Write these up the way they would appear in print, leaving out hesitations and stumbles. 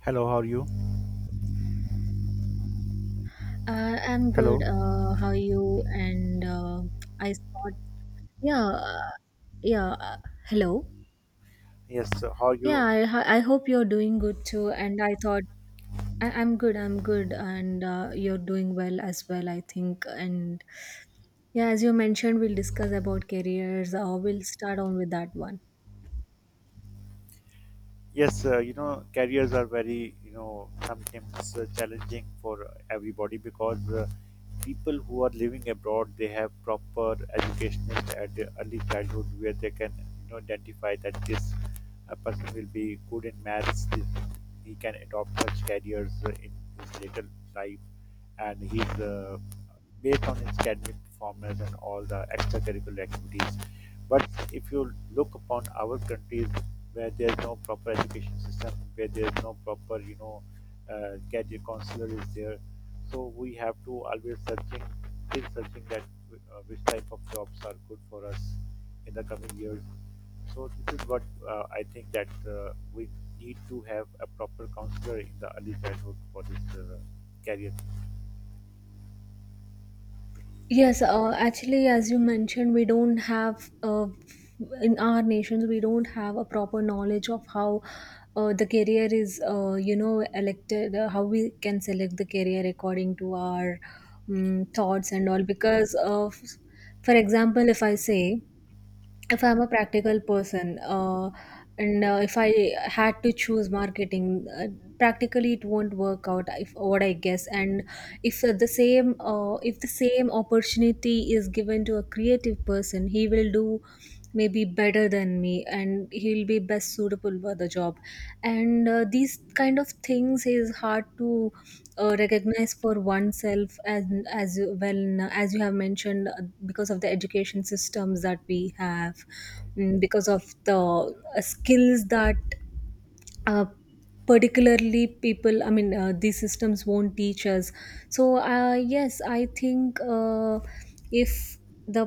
Hello, how are you? I'm good. Hello. How are you? And I thought, yeah, yeah. Hello. Yes, how are Yeah, you? I hope you're doing good too. And I thought, I, I'm good. I'm good, and you're doing well as well, I think. And yeah, as you mentioned, we'll discuss about careers. We'll start on with that one. Yes, actually, as you mentioned, we don't have, in our nations, we don't have a proper knowledge of how the career is, you know, elected, how we can select the career according to our thoughts and all. For example, if I say, if I'm a practical person, and if I had to choose marketing, practically it won't work out, if what I guess. And if the same, if the same opportunity is given to a creative person, he will do maybe better than me, and he'll be best suitable for the job. And these kind of things is hard to recognize for oneself, as well, as you have mentioned, because of the education systems that we have, because of the skills that uh, particularly people, I mean, these systems won't teach us. So yes, I think, if the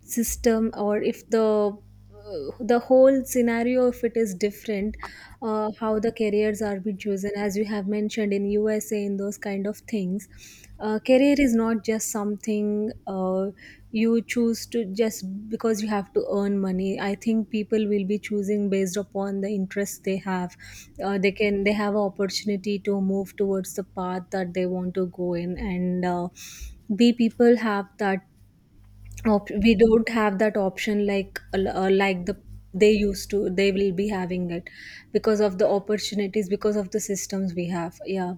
system, or if the whole scenario, if it is different, how the careers are be chosen, as you have mentioned, in USA, in those kind of things, career is not just something uh, you choose to just because you have to earn money. I think people will be choosing based upon the interest they have. They have an opportunity to move towards the path that they want to go in. And b people have that we don't have that option like the they used to they will be having it because of the opportunities, because of the systems we have, yeah.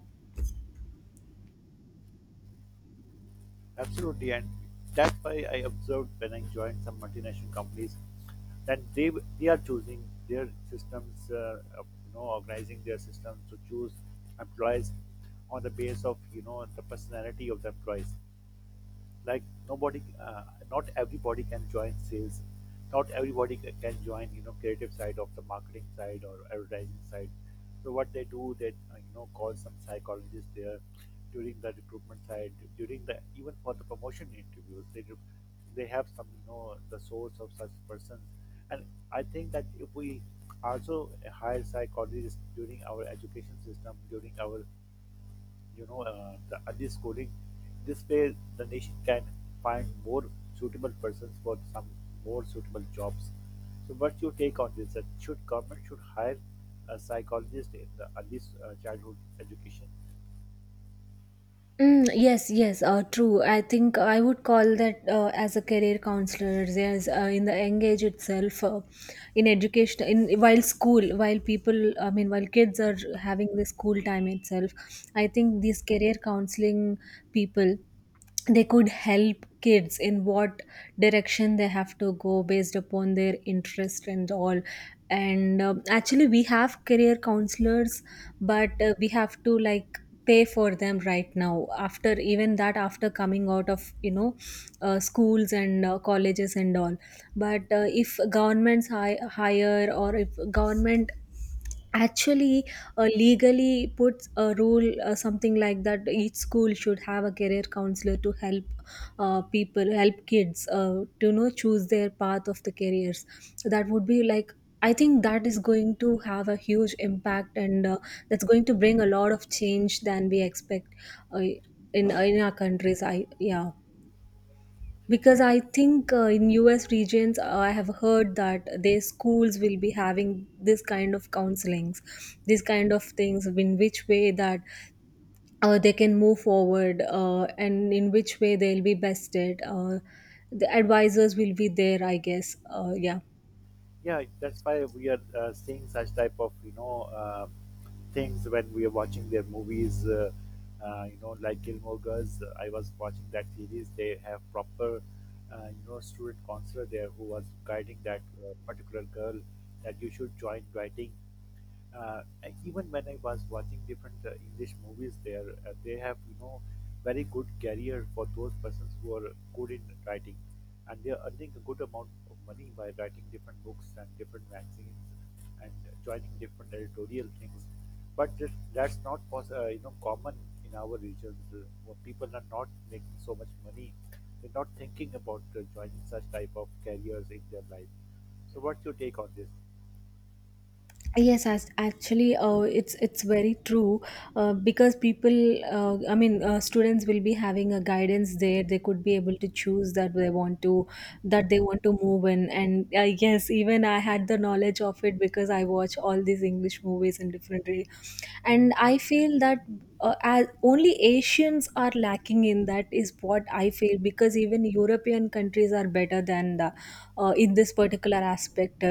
Mm, yes, yes, true. I think I would call that, as a career counselor, as in the young age itself, in education, in while school, while people, I mean, while kids are having the school time itself, I think these career counseling people, they could help kids in what direction they have to go based upon their interest and all. And actually we have career counselors, but we have to like pay for them right now, after, even that, after coming out of, you know, schools and colleges and all. But if governments hire, or if government actually legally puts a rule, something like that each school should have a career counselor to help people, help kids to, you know, choose their path of the careers, that would be like, I think that is going to have a huge impact, and that's going to bring a lot of change than we expect, uh, in our countries, I yeah. Because I think in US regions, I have heard that their schools will be having this kind of counselings, this kind of things, in which way that they can move forward, and in which way they'll be bested. The advisors will be there, I guess. Yeah. Yes, as actually, it's very true, because people, I mean, students will be having a guidance there. They could be able to choose that they want to, that they want to move in. And I guess even I had the knowledge of it, because I watch all these English movies in different way. And I feel that as only Asians are lacking in that, is what I feel, because even European countries are better than the in this particular aspect.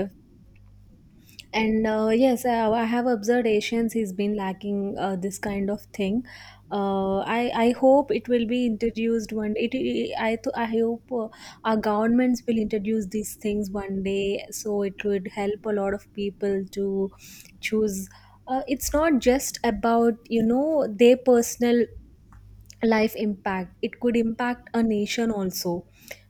And yes, I have observed Asians he's been lacking this kind of thing. I hope it will be introduced one day. I hope our governments will introduce these things one day, so it would help a lot of people to choose. It's not just about, you know, their personal life impact, it could impact a nation also,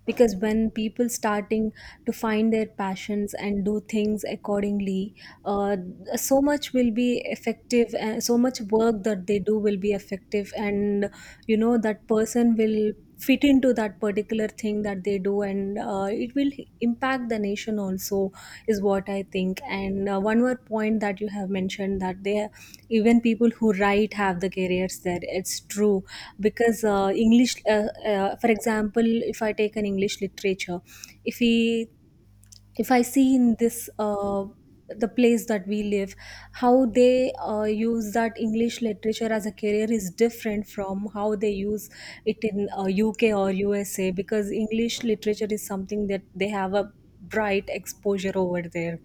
because when people starting to find their passions and do things accordingly, uh, so much will be effective, and so much work that they do will be effective. And you know that person will fit into that particular thing that they do, and it will impact the nation also, is what I think. And one more point that you have mentioned that they, even people who write have the careers there, it's true. Because english for example, if I take an English literature, if we if I see in this, the place that we live, how they use that English literature as a career is different from how they use it in, UK or USA, because English literature is something that they have a bright exposure over there.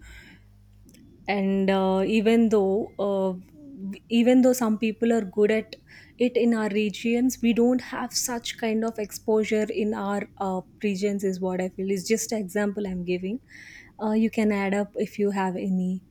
And even though some people are good at it, in our regions we don't have such kind of exposure in our regions, is what I feel. It's just an example I'm giving, you can add up if you have any.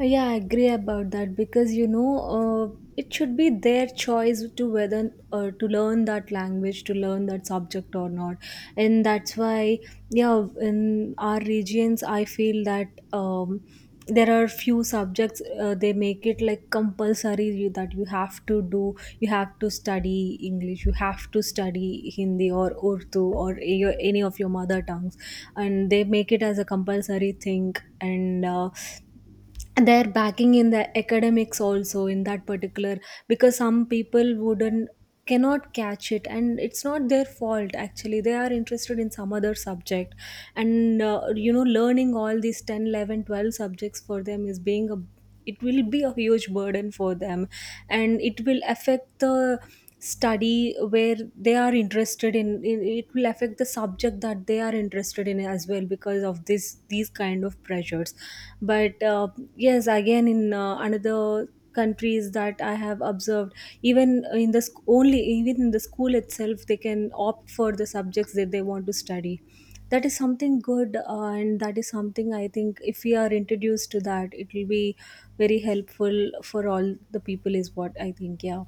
Yeah, I agree about that, because you know, it should be their choice to whether to learn that language, to learn that subject or not, and that's why, yeah, in our regions I feel that, there are few subjects, they make it like compulsory, that you have to do, you have to study English, you have to study Hindi or Urdu or any of your mother tongues, and they make it as a compulsory thing, and. Their backing in the academics also in that particular, because some people wouldn't cannot catch it, and it's not their fault, actually they are interested in some other subject. And you know, learning all these 10, 11, 12 subjects for them is being a, it will be a huge burden for them, and it will affect the study where they are interested in, it will affect the subject that they are interested in as well, because of this, these kind of pressures. But yes, again, in another countries that I have observed, even in the school itself, they can opt for the subjects that they want to study. That is something good, and that is something I think if we are introduced to that, it will be very helpful for all the people, is what I think, yeah.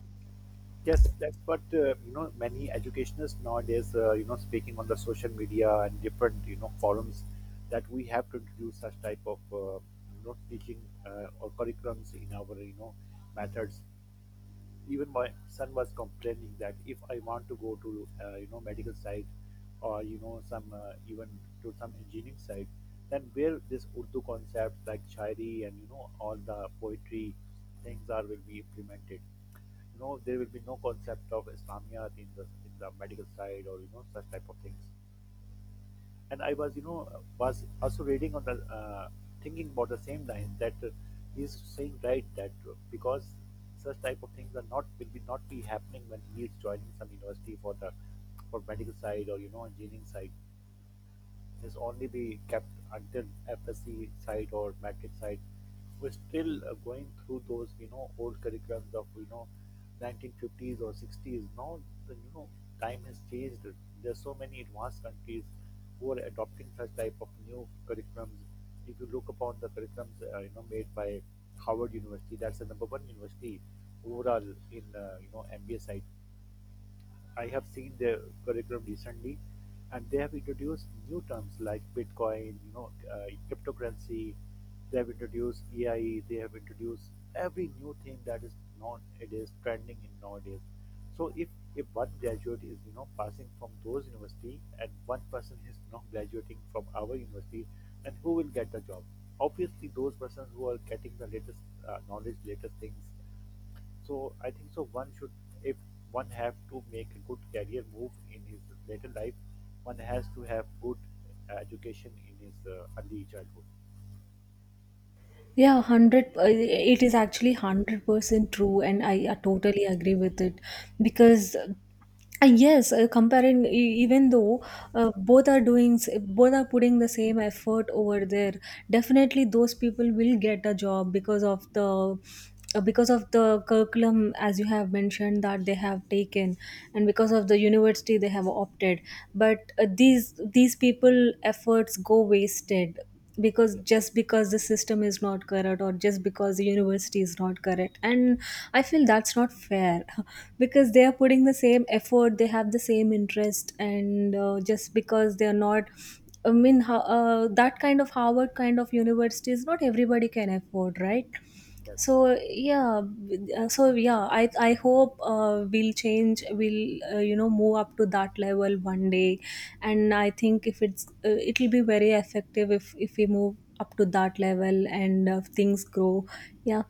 Yeah, hundred. It is actually 100% true, and I, totally agree with it. Because. Yes, comparing, even though both are doing both are putting the same effort over there, definitely those people will get a job because of the, because of the curriculum as you have mentioned that they have taken, and because of the university they have opted. But these people efforts go wasted, because just because the system is not correct, or just because the university is not correct, and I feel that's not fair because they are putting the same effort, they have the same interest, and just because they are not, I mean, that kind of Harvard kind of university is not everybody can afford, right? So yeah. So yeah, I hope we'll change, we'll you know, move up to that level one day. And I think if it's, it'll be very effective if we move up to that level, and things grow, yeah.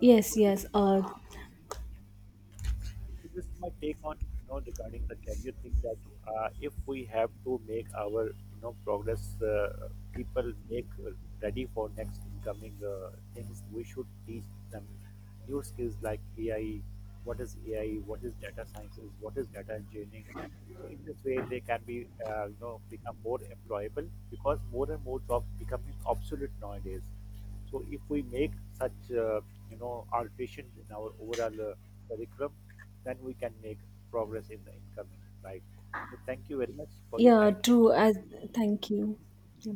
Yes, yes, yeah, true, as, thank you. Yeah.